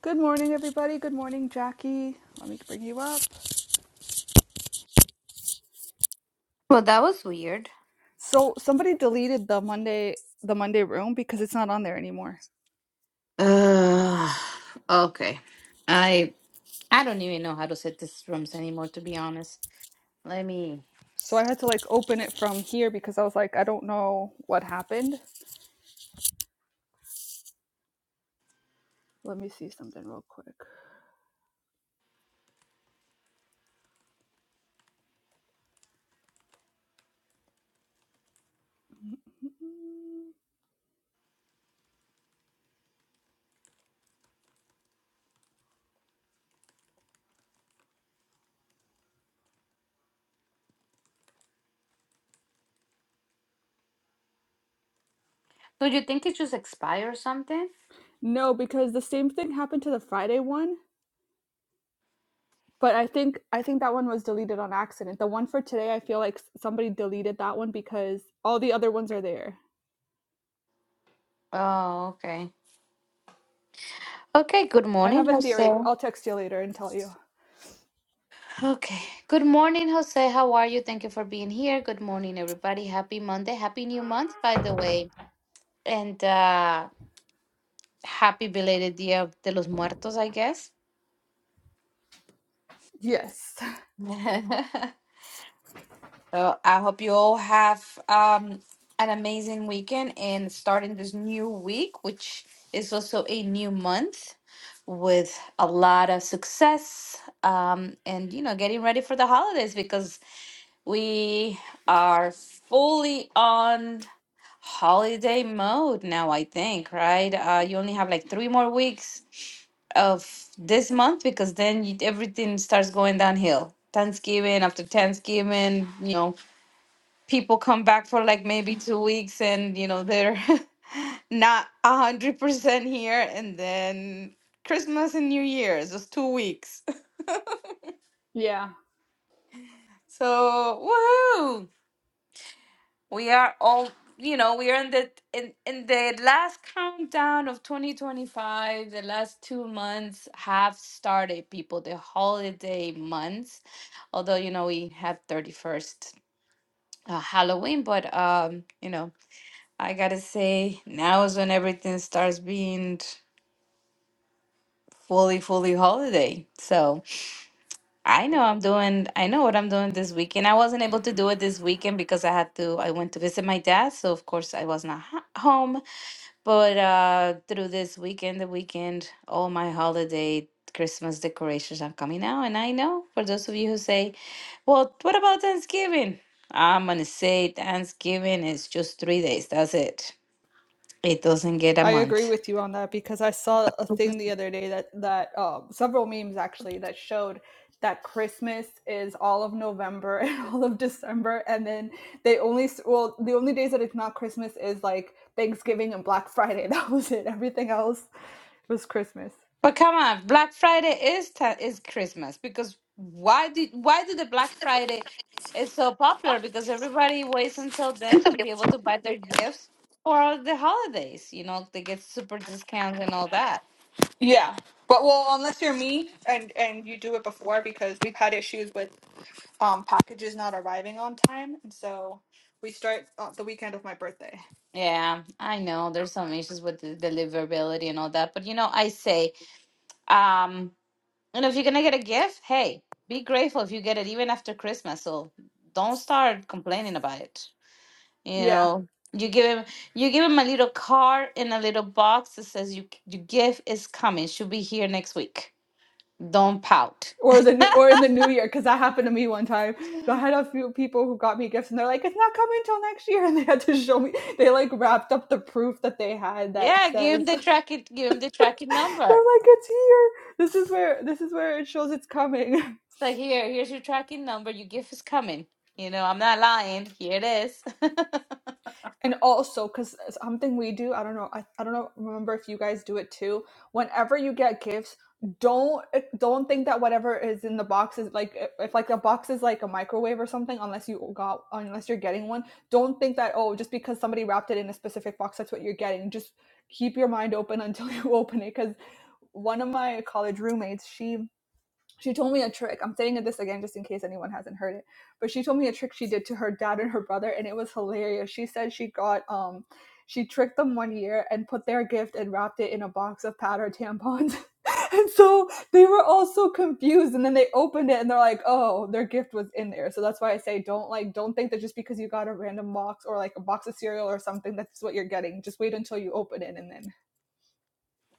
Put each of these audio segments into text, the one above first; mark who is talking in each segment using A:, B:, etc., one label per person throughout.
A: Good morning, everybody. Good morning, Jackie. Let me bring you up.
B: Well, that was weird.
A: So somebody deleted the Monday the Monday room because it's not on there anymore.
B: Uh, okay. I I don't even know how to set these rooms anymore, to be honest. Let me.
A: So I had to like open it from here because I was like, I don't know what happened. Let me see something real quick.
B: So you think it just expired or something?
A: No, because the same thing happened to the Friday one, but I think I think that one was deleted on accident. The one for today, I feel like s- somebody deleted that one because all the other ones are there.
B: Oh, okay. Okay. Good
A: I have
B: morning,
A: a
B: Jose.
A: theory. I'll text you later and tell you.
B: Okay. Good morning, Jose. How are you? Thank you for being here. Good morning, everybody. Happy Monday. Happy new month, by the way. And uh happy belated Dia de los Muertos, I guess.
A: Yes.
B: So I hope you all have um, an amazing weekend and starting this new week, which is also a new month with a lot of success um, and you know getting ready for the holidays because we are fully on holiday mode now i think right uh, you only have like three more weeks of this month because then you, everything starts going downhill thanksgiving after thanksgiving you know people come back for like maybe two weeks and you know they're not a hundred percent here and then Christmas and New Year's just two weeks.
A: Yeah.
B: So woohoo! We are all you know, we are in the in, in the last countdown of 2025. The last two months have started, people, the holiday months. Although, you know, we have 31st uh, Halloween, but um, you know. I gotta say, now is when everything starts being fully, fully holiday. So I know I'm doing, I know what I'm doing this weekend. I wasn't able to do it this weekend because I had to, I went to visit my dad. So of course I was not ho- home. But uh through this weekend, the weekend, all my holiday Christmas decorations are coming out. And I know for those of you who say, well, what about Thanksgiving? I'm gonna say Thanksgiving is just three days. That's it. It doesn't get a
A: I
B: month.
A: agree with you on that because I saw a thing the other day that that uh, several memes actually that showed that Christmas is all of November and all of December, and then they only s- well the only days that it's not Christmas is like Thanksgiving and Black Friday. That was it. Everything else was Christmas.
B: But come on, Black Friday is ta- is Christmas because why did why did the Black Friday is so popular? Because everybody waits until then to be able to buy their gifts for the holidays. You know, they get super discounts and all that.
A: Yeah, but well, unless you're me and and you do it before, because we've had issues with um packages not arriving on time, and so we start uh, the weekend of my birthday.
B: Yeah, I know there's some issues with the deliverability and all that, but you know, I say, um, you know, if you're gonna get a gift, hey, be grateful if you get it even after Christmas. So don't start complaining about it. you
A: Yeah.
B: know you give him you give him a little card in a little box that says you your gift is coming should be here next week don't pout
A: or the new, or in the new year because that happened to me one time. I had a few people who got me gifts and they're like, "It's not coming till next year," and they had to show me. They like wrapped up the proof that they had that
B: yeah give him
A: says
B: the
A: they're
B: tracking give him the tracking
A: like,
B: number
A: "It's here. This is where this is where it shows it's coming."
B: so here here's your tracking number your gift is coming you know i'm not lying here it is
A: and also because something we do i don't know I, I don't know remember if you guys do it too whenever you get gifts don't eh, don't think that whatever is in the box is like eh, if like a box is like a microwave or something unless you got unless you're getting one don't think that oh just because somebody wrapped it in a specific box that's what you're getting just keep your mind open until you open it because one of my college roommates she she told me a trick. I'm saying this again just in case anyone hasn't heard it. But she told me a trick she did to her dad and her brother, and it was hilarious. She said she got um she tricked them one year and put their gift and wrapped it in a box of powder tampons. And so they were all so confused. And then they opened it and they're like, oh, their gift was in there. So that's why I say don't like don't think that just because you got a random box or like a box of cereal or something, that's what you're getting. Just wait until you open it and then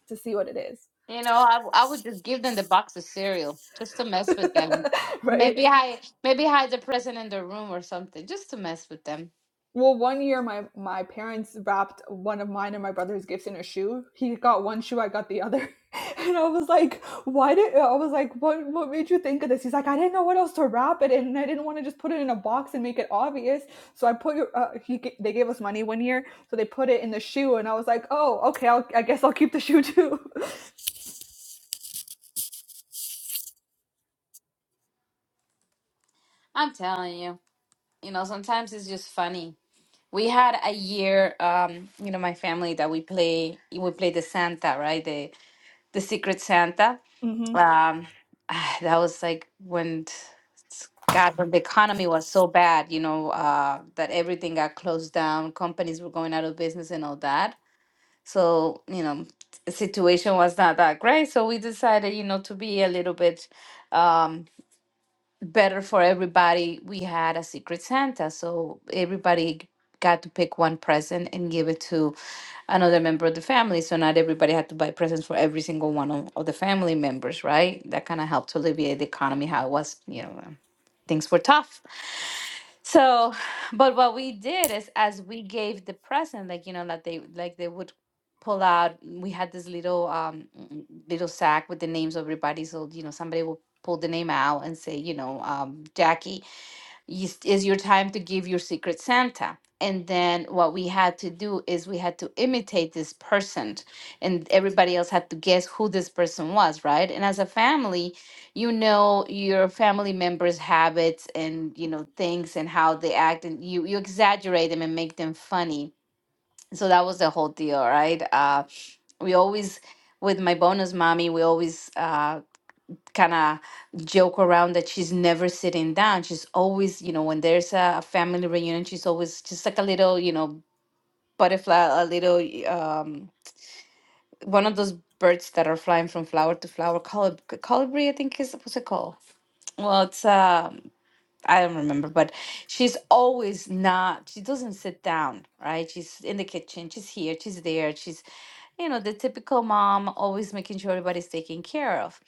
A: to see what it is.
B: you know I, I would just give them the box of cereal just to mess with them
A: right?
B: maybe hide maybe hide the present in the room or something just to mess with them
A: Well, one year my my parents wrapped one of mine and my brother's gifts in a shoe. He got one shoe, I got the other. And I was like, why did I was like, what what made you think of this? He's like, I didn't know what else to wrap it in, and I didn't want to just put it in a box and make it obvious. So I put your uh, he g- they gave us money one year, so they put it in the shoe, and I was like, oh, okay, I'll, I guess I'll keep the shoe too.
B: i'm telling you you know sometimes it's just funny We had a year, um, you know, my family that we play, we play the Santa, right? The the Secret Santa.
A: hmm
B: Um, ah, that was like when, God, when the economy was so bad, you know, uh, that everything got closed down, companies were going out of business and all that. So, you know, the situation was not that great. So we decided, you know, to be a little bit. um, better for everybody, we had a Secret Santa. So everybody got to pick one present and give it to another member of the family. So not everybody had to buy presents for every single one of, of the family members, right? That kind of helped to alleviate the economy, how it was, you know, um, things were tough. So, but what we did is as we gave the present, like you know, like they like they would pull out. We had this little um mm, little sack with the names of everybody. So you know, somebody will pull the name out and say, you know, um, Jackie, is is your time to give your secret Santa. And then what we had to do is we had to imitate this person, and everybody else had to guess who this person was, right? And as a family, you know your family members' habits and you know things and how they act, and you you exaggerate them and make them funny. So that was the whole deal, right? Uh, we always with my bonus mommy, we always uh, kind of joke around that she's never sitting down. She's always, you know, when there's a, a family reunion, she's always just like a little, you know, butterfly, a little um, one of those birds that are flying from flower to flower. Colib- colibri, I think is what's it called? Well, it's um I don't remember, but she's always not, she doesn't sit down, right? She's in the kitchen, she's here, she's there, she's, you know, the typical mom, always making sure everybody's taken care of.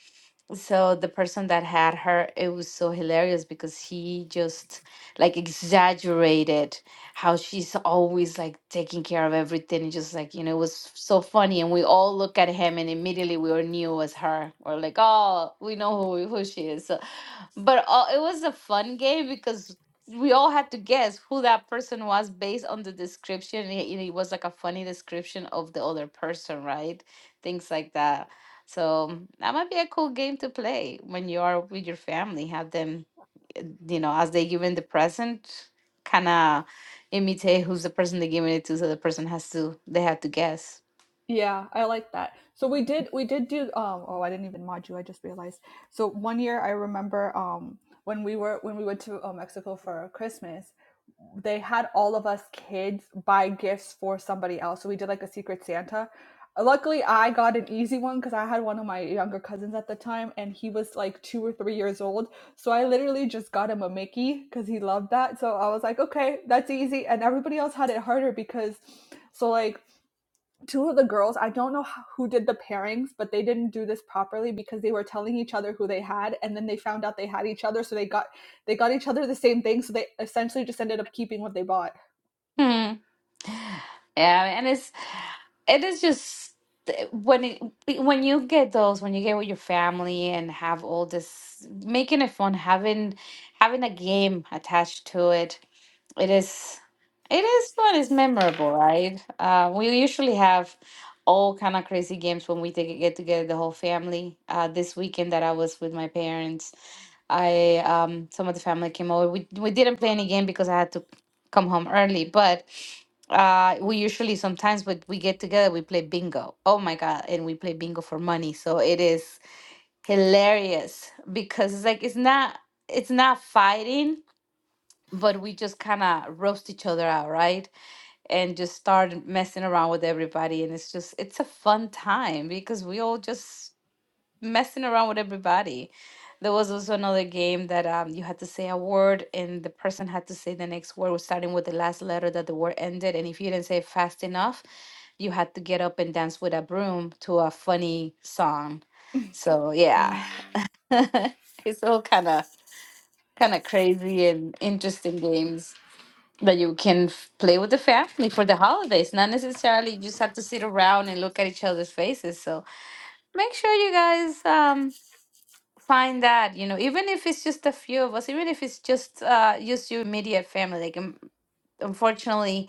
B: So the person that had her, it was so hilarious because he just like exaggerated how she's always like taking care of everything. and Just like, you know, it was so funny. And we all look at him and immediately we all knew it was her. We're like, oh, we know who, who she is. So, but all, it was a fun game because we all had to guess who that person was based on the description. and it it was like a funny description of the other person, right? Things like that. So that might be a cool game to play when you are with your family. Have them, uh, you know, as they give in the present, kind of imitate who's the person they're giving it to, so the person has to they have to guess.
A: Yeah, I like that. So we did we did do um oh I didn't even mod you, I just realized. So one year I remember um when we were when we went to uh, Mexico for Christmas, they had all of us kids buy gifts for somebody else. So we did like a secret Santa. Luckily, I got an easy one because I had one of my younger cousins at the time, and he was like two or three years old. So I literally just got him a Mickey because he loved that. So I was like, okay, that's easy. And everybody else had it harder because, so like two of the girls i don't know who did the pairings but they didn't do this properly because they were telling each other who they had and then they found out they had each other so they got they got each other the same thing so they essentially just ended up keeping what they bought
B: Yeah, and it's it is just when it when you get those when you get with your family and have all this making it fun, having having a game attached to it, it is it is fun. It's memorable, right? Uh, we usually have all kind of crazy games when we take get together the whole family. Uh, this weekend that I was with my parents. I um some of the family came over. We we didn't play any game because I had to come home early, but uh we usually sometimes but we get together we play bingo oh my god and we play bingo for money so it is hilarious because it's like it's not it's not fighting but we just kind of roast each other out right and just start messing around with everybody and it's just it's a fun time because we all just messing around with everybody. There was also another game that um, you had to say a word, and the person had to say the next word, was starting with the last letter that the word ended. And if you didn't say it fast enough, you had to get up and dance with a broom to a funny song. So yeah, Mm. it's all kind of kind of crazy and interesting games that you can f- play with the family for the holidays. Not necessarily you just have to sit around and look at each other's faces. So make sure you guys um find that you know even if it's just a few of us even if it's just uh just your immediate family like um, unfortunately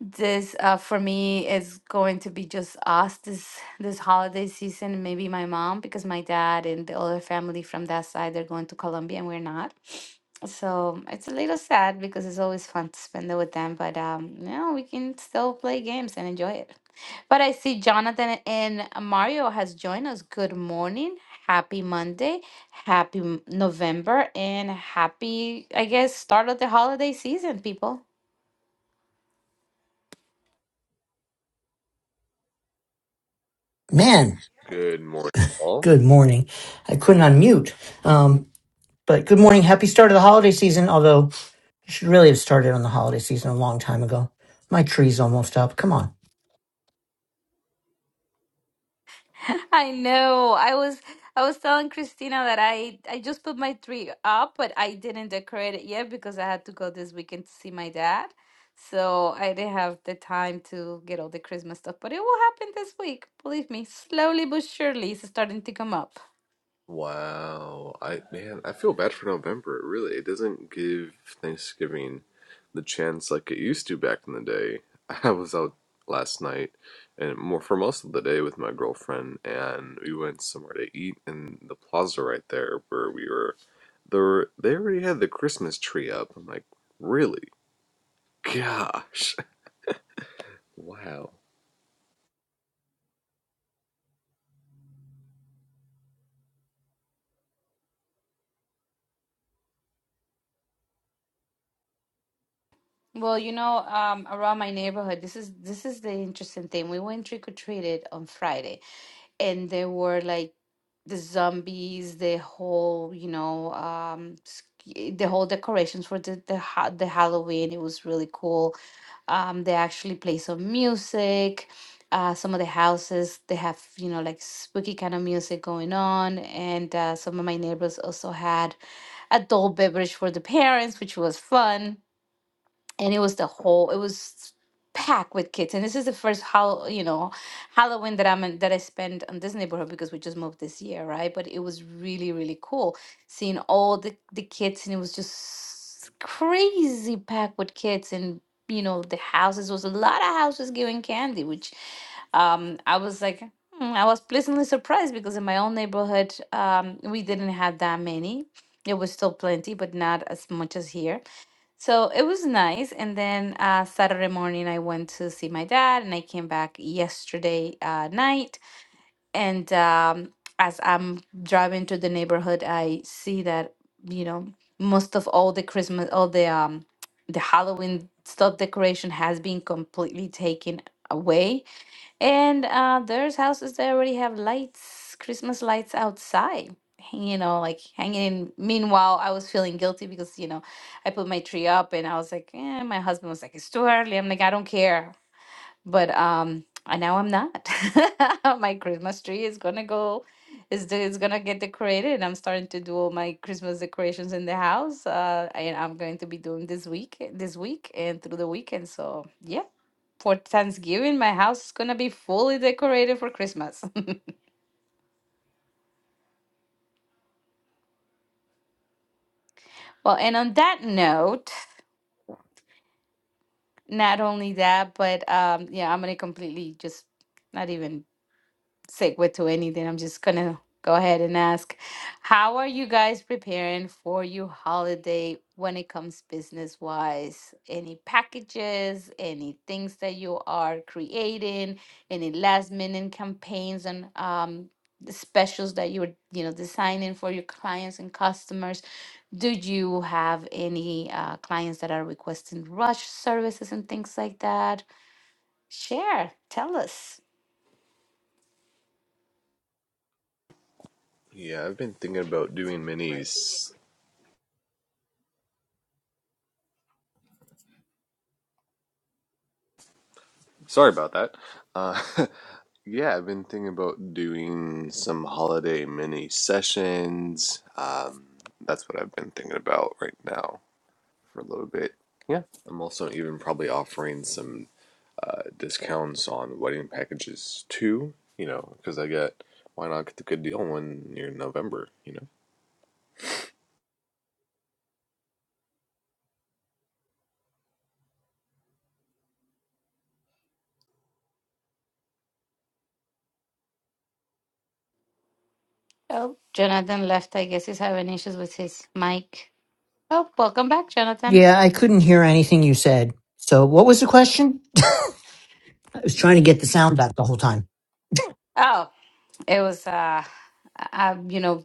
B: this uh, for me is going to be just us this this holiday season maybe my mom because my dad and the other family from that side they're going to colombia and we're not so it's a little sad because it's always fun to spend it with them but um no we can still play games and enjoy it but i see jonathan and mario has joined us good morning happy monday happy M- november and happy i guess start of the holiday season people
C: Man,
D: Good morning, all.
C: good morning. I couldn't unmute. Um, but good morning. Happy start of the holiday season, although I should really have started on the holiday season a long time ago. My tree's almost up. Come on.
B: I know. I was I was telling Christina that I I just put my tree up, but I didn't decorate it yet because I had to go this weekend to see my dad. So I didn't have the time to get all the Christmas stuff, but it will happen this week. Believe me, slowly but surely it's starting to come up.
D: Wow, I man, I feel bad for November. Really, it doesn't give Thanksgiving the chance like it used to back in the day. I was out last night and more for most of the day with my girlfriend, and we went somewhere to eat in the plaza right there where we were. There, were- they already had the Christmas tree up. I'm like, really? Gosh, wow.
B: Well, you know, um, around my neighborhood, this is this is the interesting thing. We went trick or treated on Friday. and there were like the zombies, the whole, you know, um, sk- the whole decorations for the the, ha- the Halloween. It was really cool. Um, they actually play some music. Uh, some of the houses they have, you know, like spooky kind of music going on, and uh, some of my neighbors also had adult beverage for the parents, which was fun and it was the whole it was packed with kids and this is the first how you know halloween that i'm in that i spent on this neighborhood because we just moved this year right but it was really really cool seeing all the the kids and it was just crazy packed with kids and you know the houses was a lot of houses giving candy which um i was like hmm, i was pleasantly surprised because in my own neighborhood um we didn't have that many it was still plenty but not as much as here so it was nice. And then uh, Saturday morning, I went to see my dad, and I came back yesterday uh, night. And um, as I'm driving to the neighborhood, I see that, you know, most of all the Christmas, all the um, the Halloween stuff decoration has been completely taken away and uh, there's houses that already have lights, Christmas lights outside, hang- you know, like hanging in. Meanwhile, I was feeling guilty because, you know, I put my tree up and I was like, eh, my husband was like, it's too early. I'm like, I don't care. But um, and now I'm not. My Christmas tree is gonna go, is the- is gonna get decorated, and I'm starting to do all my Christmas decorations in the house. Uh, and I'm going to be doing this week, this week and through the weekend. So yeah for Thanksgiving. My house is going to be fully decorated for Christmas. well, and on that note, not only that, but um, yeah, I'm going to completely just not even segue to anything. I'm just gonna go ahead and ask, how are you guys preparing for your holiday when it comes business wise? Any packages, any things that you are creating, any last minute campaigns and um the specials that you're you know designing for your clients and customers do you have any uh, clients that are requesting rush services and things like that share tell us
D: Yeah, I've been thinking about doing minis Sorry about that. Uh, yeah, I've been thinking about doing some holiday mini sessions. Um, that's what I've been thinking about right now for a little bit. Yeah, I'm also even probably offering some uh, discounts on wedding packages too. You know, because I get why not get the good deal when you're in November. You know,
B: Oh, Jonathan left. I guess he's having issues with his mic. Oh, welcome back, Jonathan.
C: Yeah, I couldn't hear anything you said. So what was the question? I was trying to get the sound back the whole time.
B: Oh, it was, uh, uh, you know,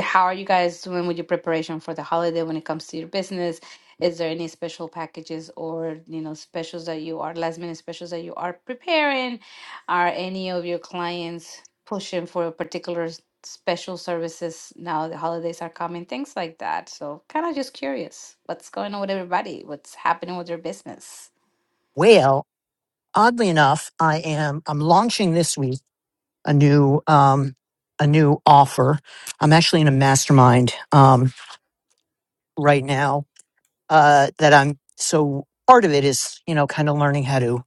B: how are you guys doing with your preparation for the holiday when it comes to your business? Is there any special packages or, you know, specials that you are, last minute specials that you are preparing? Are any of your clients pushing for a particular s- special services now the holidays are coming? Things like that. So, kind of just curious what's going on with everybody? What's happening with their business?
C: Well, oddly enough, I am I'm launching this week a new um a new offer. I'm actually in a mastermind um right now uh, that I'm so part of it is, you know, kind of learning how to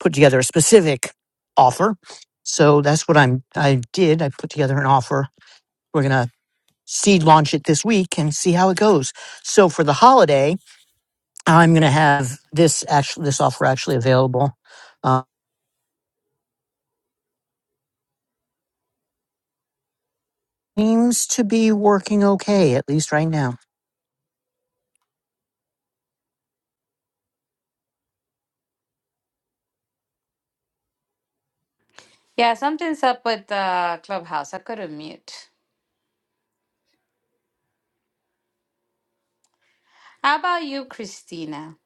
C: put together a specific offer. So that's what I'm, I did. I put together an offer. We're going to seed launch it this week and see how it goes. So for the holiday, I'm going to have this actually, this offer actually available. Uh, seems to be working okay, at least right now.
B: Yeah, something's up with the clubhouse. I couldn't mute. How about you, Christina?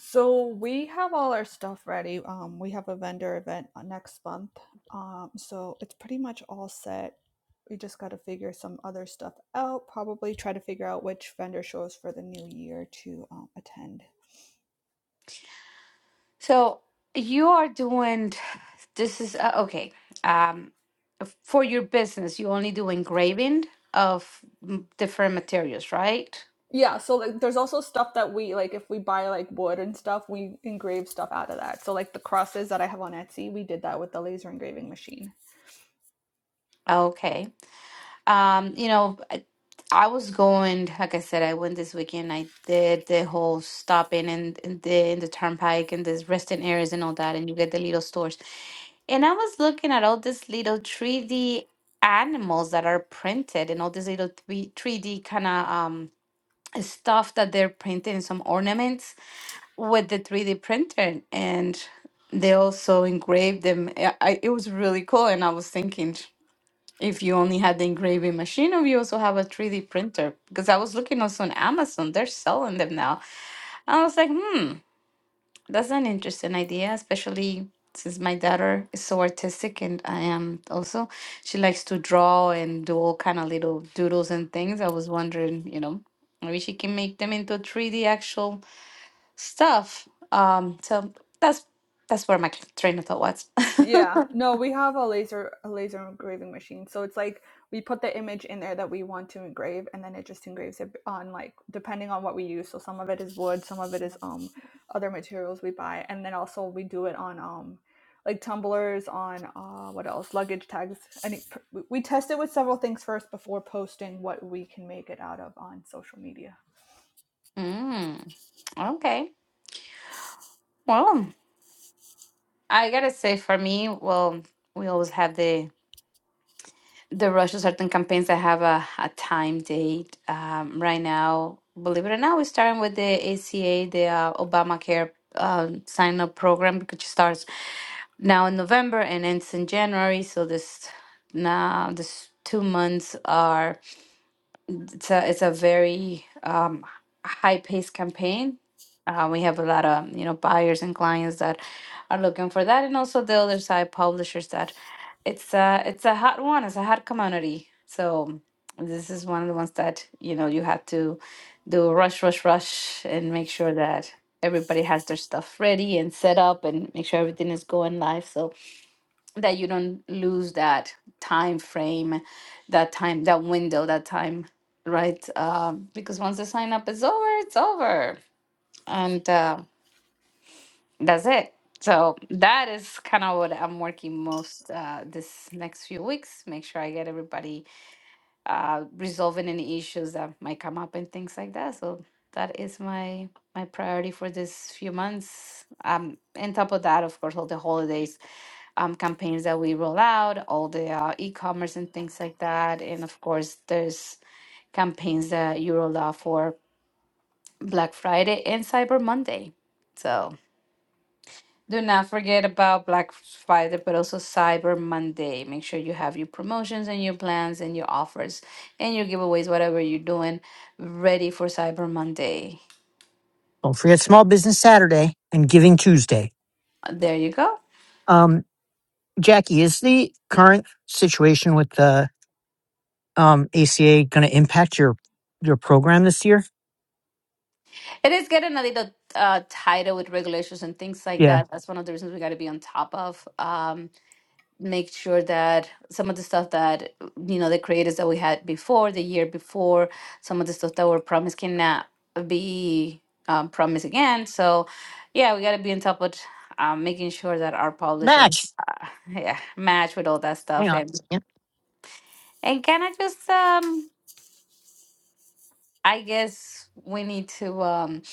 A: so we have all our stuff ready um we have a vendor event uh, next month um so it's pretty much all set we just got to figure some other stuff out probably try to figure out which vendor shows for the new year to um, attend
B: So you are doing this is uh, okay. Um, for your business, you only do engraving of m- different materials, right?
A: yeah so like there's also stuff that we like if we buy like wood and stuff we engrave stuff out of that so like the crosses that i have on etsy we did that with the laser engraving machine
B: Okay. Um, you know, I, I was going, like I said, I went this weekend. I did the whole stopping and in, in the in the turnpike and the resting areas and all that, and you get the little stores. And I was looking at all these little 3D animals that are printed and all this little 3, 3D kind of um stuff that they're printing some ornaments with the 3D printer and they also engraved them. I, I, it was really cool and I was thinking if you only had the engraving machine, or you also have a 3D printer, because I was looking also on Amazon, they're selling them now. And I was like, hmm, that's an interesting idea, especially since my daughter is so artistic and I am also. She likes to draw and do all kind of little doodles and things. I was wondering, you know, maybe she can make them into 3D actual stuff. Um, so that's that's where my train of thought was.
A: Yeah. No, we have a laser a laser engraving machine. So it's like we put the image in there that we want to engrave and then it just engraves it on like depending on what we use. So some of it is wood, some of it is um other materials we buy and then also we do it on um like tumblers on uh what else? luggage tags. And we we test it with several things first before posting what we can make it out of on social media.
B: Mm, okay. Well. I gotta say, for me, well, we always have the the rush of certain campaigns that have a, a time date. Um, right now, believe it or not, we're starting with the ACA, the uh, Obamacare uh, sign up program, which starts now in November and ends in January. So this now this two months are it's a it's a very um, high-paced campaign. Uh, we have a lot of you know buyers and clients that are looking for that, and also the other side publishers that it's a it's a hot one. It's a hot commodity. So this is one of the ones that you know you have to do rush, rush, rush, and make sure that everybody has their stuff ready and set up, and make sure everything is going live. So that you don't lose that time frame, that time, that window, that time, right? Uh, because once the sign up is over, it's over, and uh, that's it. So that is kind of what I'm working most uh, this next few weeks. Make sure I get everybody uh, resolving any issues that might come up and things like that. So that is my my priority for this few months. Um, and top of that, of course, all the holidays um, campaigns that we roll out, all the uh, e-commerce and things like that. And of course, there's campaigns that you roll out for Black Friday and Cyber Monday. So do not forget about Black Friday, but also Cyber Monday. Make sure you have your promotions and your plans and your offers and your giveaways, whatever you're doing, ready for Cyber Monday.
C: Don't forget Small Business Saturday and Giving Tuesday.
B: There you go.
C: Um, Jackie, is the current situation with the. um, ACA going to impact your your program this year?
B: It is getting a little uh, tighter with regulations and things like
C: Yeah,
B: that. That's one of the reasons we got to be on top of. Um, make sure that some of the stuff that you know the creators that we had before the year before some of the stuff that were promised cannot be um, promised again so yeah we got to be on top of um, making sure that our publisher
C: match.
B: yeah match with all that
C: Hang
B: stuff
C: on. a
B: and
C: second.
B: and kind of just um i guess we need to um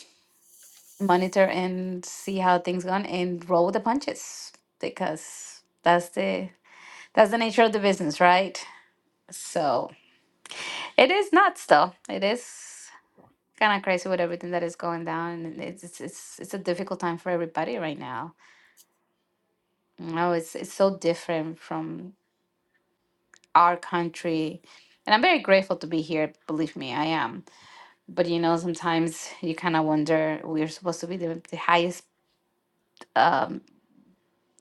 B: monitor and see how things gone and roll with the punches because that's the that's the nature of the business right so It is nuts, though. It is kind of crazy with everything that is going down, and it's it's it's, it's a difficult time for everybody right now. You know, it's it's so different from our country, and I'm very grateful to be here. Believe me, I am. But you know, sometimes you kind of wonder we're supposed to be the, the highest um,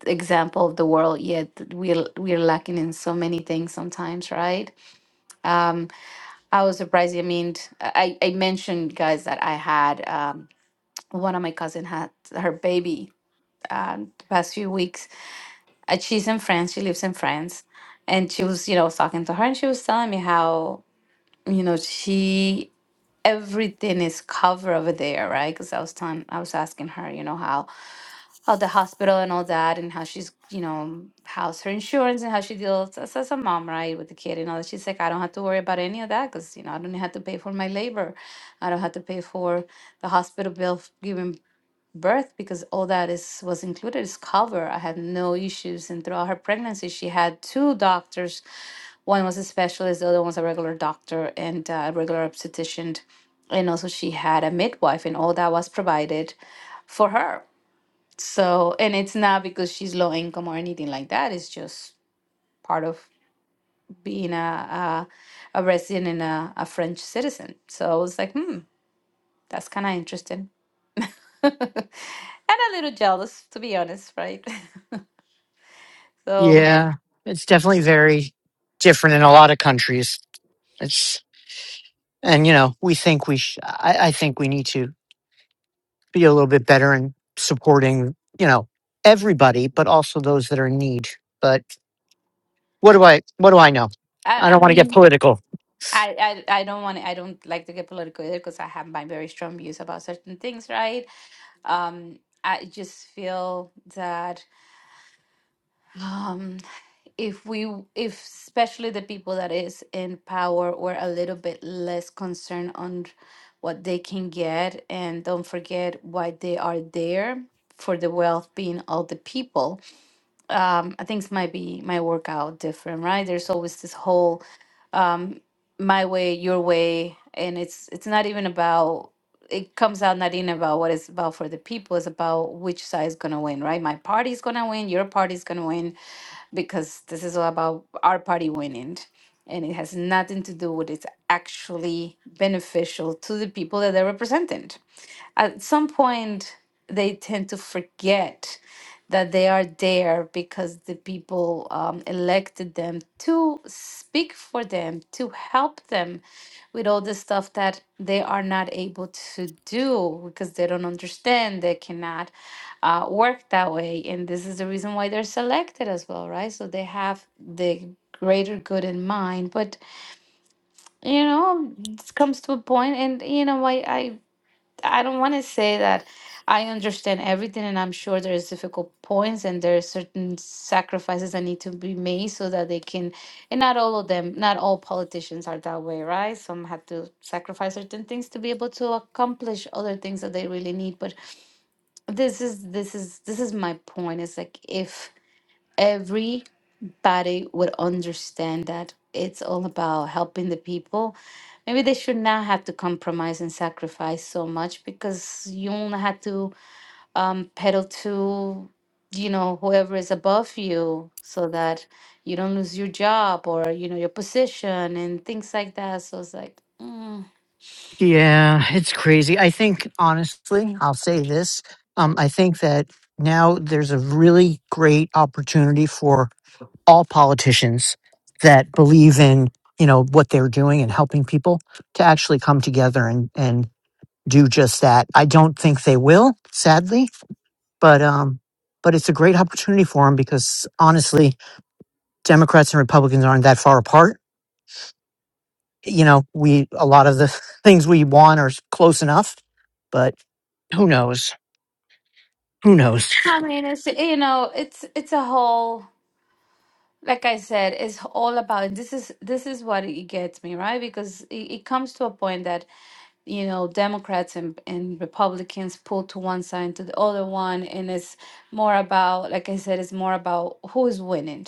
B: example of the world, yet we're we're lacking in so many things sometimes, right? Um, I was surprised. I mean, I I mentioned guys that I had. Um, one of my cousin had her baby uh, the past few weeks. Uh, she's in France. She lives in France, and she was, you know, I was talking to her, and she was telling me how, you know, she everything is covered over there, right? Because I was telling, I was asking her, you know, how how the hospital and all that, and how she's, you know, how's her insurance and how she deals as, as a mom, right, with the kid and all that. She's like, I don't have to worry about any of that because you know, I don't have to pay for my labor, I don't have to pay for the hospital bill, f- giving birth because all that is was included is cover. I had no issues, and throughout her pregnancy, she had two doctors. One was a specialist, the other one was a regular doctor and uh, a regular obstetrician, and also she had a midwife, and all that was provided for her. So, and it's not because she's low income or anything like that. It's just part of being a a, a resident and a, a French citizen. So I was like, hmm, that's kind of interesting. and a little jealous, to be honest, right? So
C: Yeah, it's definitely very different in a lot of countries. It's and you know we think we sh- I, I think we need to be a little bit better in supporting you know everybody, but also those that are in need. But what do I what do I know? I
B: I,
C: don't
B: I
C: want to get
B: mean,
C: political.
B: I, I, I don't want to, I don't like to get political either because I have my very strong views about certain things, right? Um, I just feel that um, if we, if especially the people that is in power were a little bit less concerned on what they can get and don't forget why they are there for the well-being of the people um, things might be might work out different, right? There's always this whole um, my way, your way, and it's it's not even about. It comes out not even about what it's about for the people. It's about which side is gonna win, right? My party's gonna win. Your party's gonna win because this is all about our party winning, and it has nothing to do with it's actually beneficial to the people that they're representing at some point they tend to forget that they are there because the people um, elected them to speak for them to help them with all the stuff that they are not able to do because they don't understand they cannot uh, work that way and this is the reason why they're selected as well right so they have the greater good in mind but you know it comes to a point and you know i i I don't want to say that I understand everything, and I'm sure there's difficult points and there are certain sacrifices that need to be made so that they can. And not all of them, not all politicians are that way, right? Some have to sacrifice certain things to be able to accomplish other things that they really need. But this is this is this is my point. It's like if every Body would understand that it's all about helping the people. Maybe they should not have to compromise and sacrifice so much because you only have to um, pedal to, you know, whoever is above you so that you don't lose your job or, you know, your position and things like that. So it's like, mm.
C: Yeah, it's crazy. I think, honestly, I'll say this. Um, I think that now there's a really great opportunity for all politicians that believe in, you know, what they're doing and helping people to actually come together and, and do just that. I don't think they will, sadly, but, um, but it's a great opportunity for them because honestly, Democrats and Republicans aren't that far apart. You know, we, a lot of the things we want are close enough, but who knows? Who knows?
B: I mean, it's, you know, it's, it's a whole, like I said, it's all about, this is, this is what it gets me, right? Because it, it comes to a point that you know, Democrats and, and Republicans pull to one side to the other one. And it's more about, like I said, it's more about who is winning,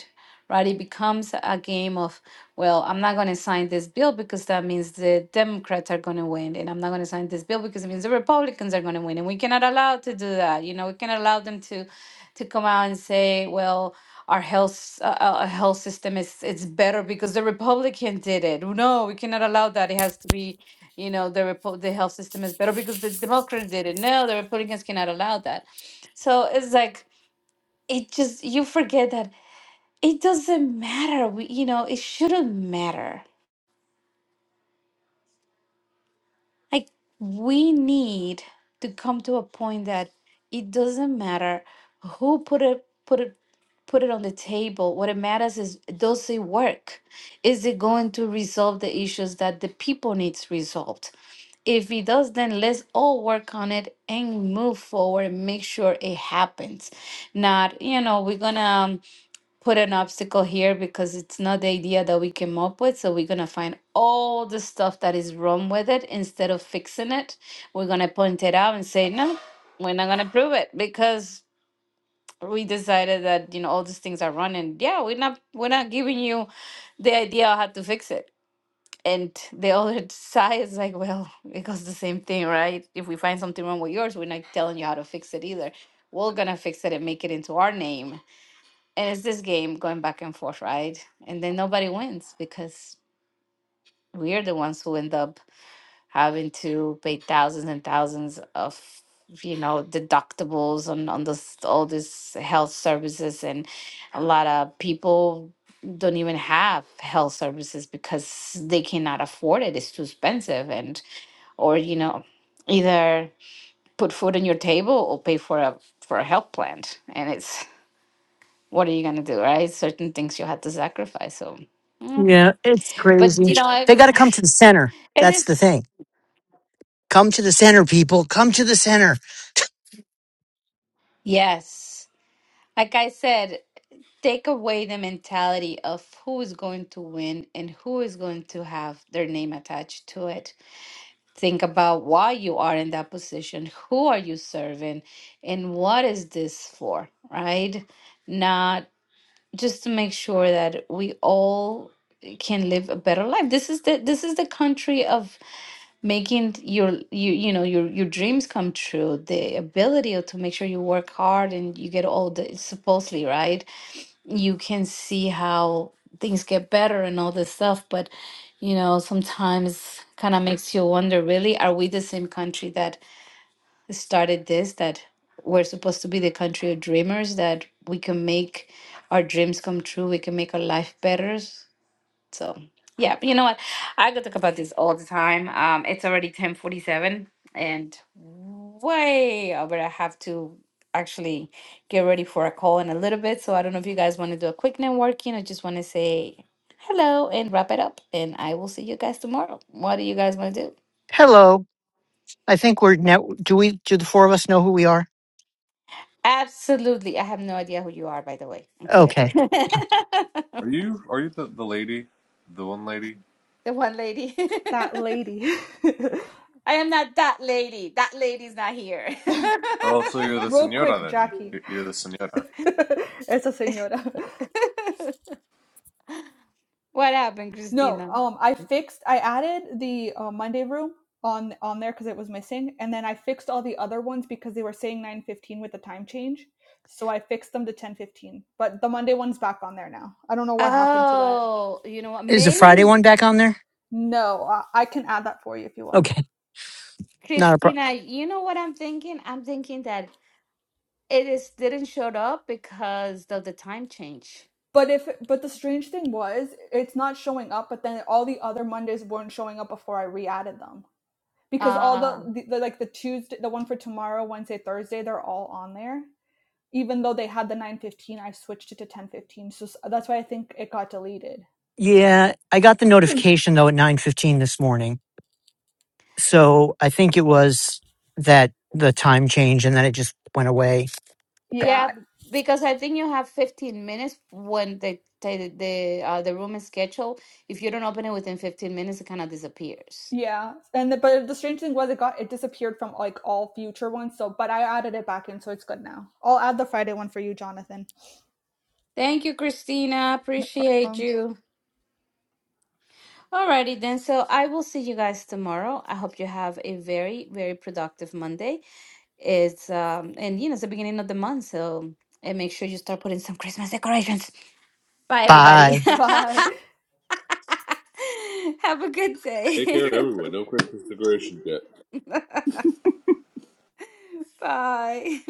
B: right? It becomes a game of, well, I'm not going to sign this bill because that means the Democrats are going to win. And I'm not going to sign this bill because it means the Republicans are going to win. And we cannot allow to do that. You know, we cannot allow them to to come out and say, well, our health s- uh, uh, health system is it's better because the Republican did it. No, we cannot allow that. It has to be you know the report the health system is better because the democrats did it no the republicans cannot allow that so it's like it just you forget that it doesn't matter we, you know it shouldn't matter Like, we need to come to a point that it doesn't matter who put it, put it, put it on the table. What it matters is does it work? Is it going to resolve the issues that the people needs resolved? If it does, then let's all work on it and move forward and make sure it happens. Not, you know, we're gonna um, put an obstacle here because it's not the idea that we came up with. So we're going to find all the stuff that is wrong with it instead of fixing it. We're going to point it out and say, no, we're not going to prove it because we decided that you know all these things are wrong and yeah we're not we're not giving you the idea of how to fix it and the other side is like well because the same thing right if we find something wrong with yours we're not telling you how to fix it either we're gonna fix it and make it into our name and it's this game going back and forth, right? And then nobody wins because we're the ones who end up having to pay thousands and thousands of, you know, deductibles on on this all this health services, and a lot of people don't even have health services because they cannot afford it. It's too expensive, and or you know, either put food on your table or pay for a for a health plan, and it's what are you going to do, right? Certain things you had to sacrifice. So, mm.
C: Yeah, it's
B: but
C: crazy.
B: you know, I,
C: They got to come to the center.
B: it
C: That's
B: is.
C: the thing. Come to the center, people. Come to the center.
B: Yes. Like I said, take away the mentality of who is going to win and who is going to have their name attached to it. Think about why you are in that position. Who are you serving? And what is this for, right? Not just to make sure that we all can live a better life. This is the this is the country of making your you you know your your dreams come true the ability to make sure you work hard and you get all the supposedly right you can see how things get better and all this stuff but you know sometimes kind of makes you wonder really are we the same country that started this that we're supposed to be the country of dreamers that we can make our dreams come true we can make our life better so yeah, but you know what? I could talk about this all the time. Um, it's already ten forty seven, and way over. I have to actually get ready for a call in a little bit. So I don't know if you guys want to do a quick networking. I just want to say hello and wrap it up. And I will see you guys tomorrow. What do you guys want to do?
C: Hello. I think we're now. Do we? Do the four of us know who we are?
B: Absolutely. I have no idea who you are, by the way. I'm kidding.
C: Okay.
B: the
D: are you are you the, the lady, the one lady?
B: one lady.
A: That lady.
B: I am not that lady. That lady's not here.
D: Oh, so you're the
A: Real
D: senora
A: quick,
D: then?
A: Jackie.
D: You're, you're the senora.
A: Esa señora.
B: what happened,
A: No,
B: Christina?
A: um, I fixed. I added the uh, Monday room on on there because it was missing, and then I fixed all the other ones because they were saying nine fifteen with the time change. So I fixed them to ten fifteen. But the Monday one's back on there now. I don't know what happened to that.
B: Oh, you know what?
C: Is the Friday
B: Maybe
C: one back on there?
A: No, I, I can add that for you if you want.
C: Okay. Not a problem.
B: Christina, you know what I'm thinking? I'm thinking that it is didn't show up because of the time change.
A: But if but the strange thing was, it's not showing up. But then all the other Mondays weren't showing up before I re-added them because all
B: Uh,
A: the, the, the like the Tuesday, the one for tomorrow, Wednesday, Thursday, they're all on there even though they had the 915 i switched it to 1015 so that's why i think it got deleted
C: Yeah, I got the notification though at nine fifteen this morning. So I think it was that the time change, and then it just went away.
B: yeah,
A: yeah
B: because I think you have 15 minutes when the the the, uh, the room is scheduled. If you don't open it within 15 minutes, it kind of disappears.
A: yeah and the, but the strange thing was it got it disappeared from like all future ones so but i added it back in so it's good now i'll add the friday one for you jonathan
B: Thank you, Christina.
A: no
B: Appreciate
A: problem
B: you. Alrighty then. So I will see you guys tomorrow. I hope you have a very, very productive Monday. It's um and you know it's the beginning of the month, so and make sure you start putting some Christmas decorations. Bye everybody.
C: Bye.
A: bye
B: have a good
D: Take care of
B: day.
D: everyone. No Christmas decorations yet.
B: Bye.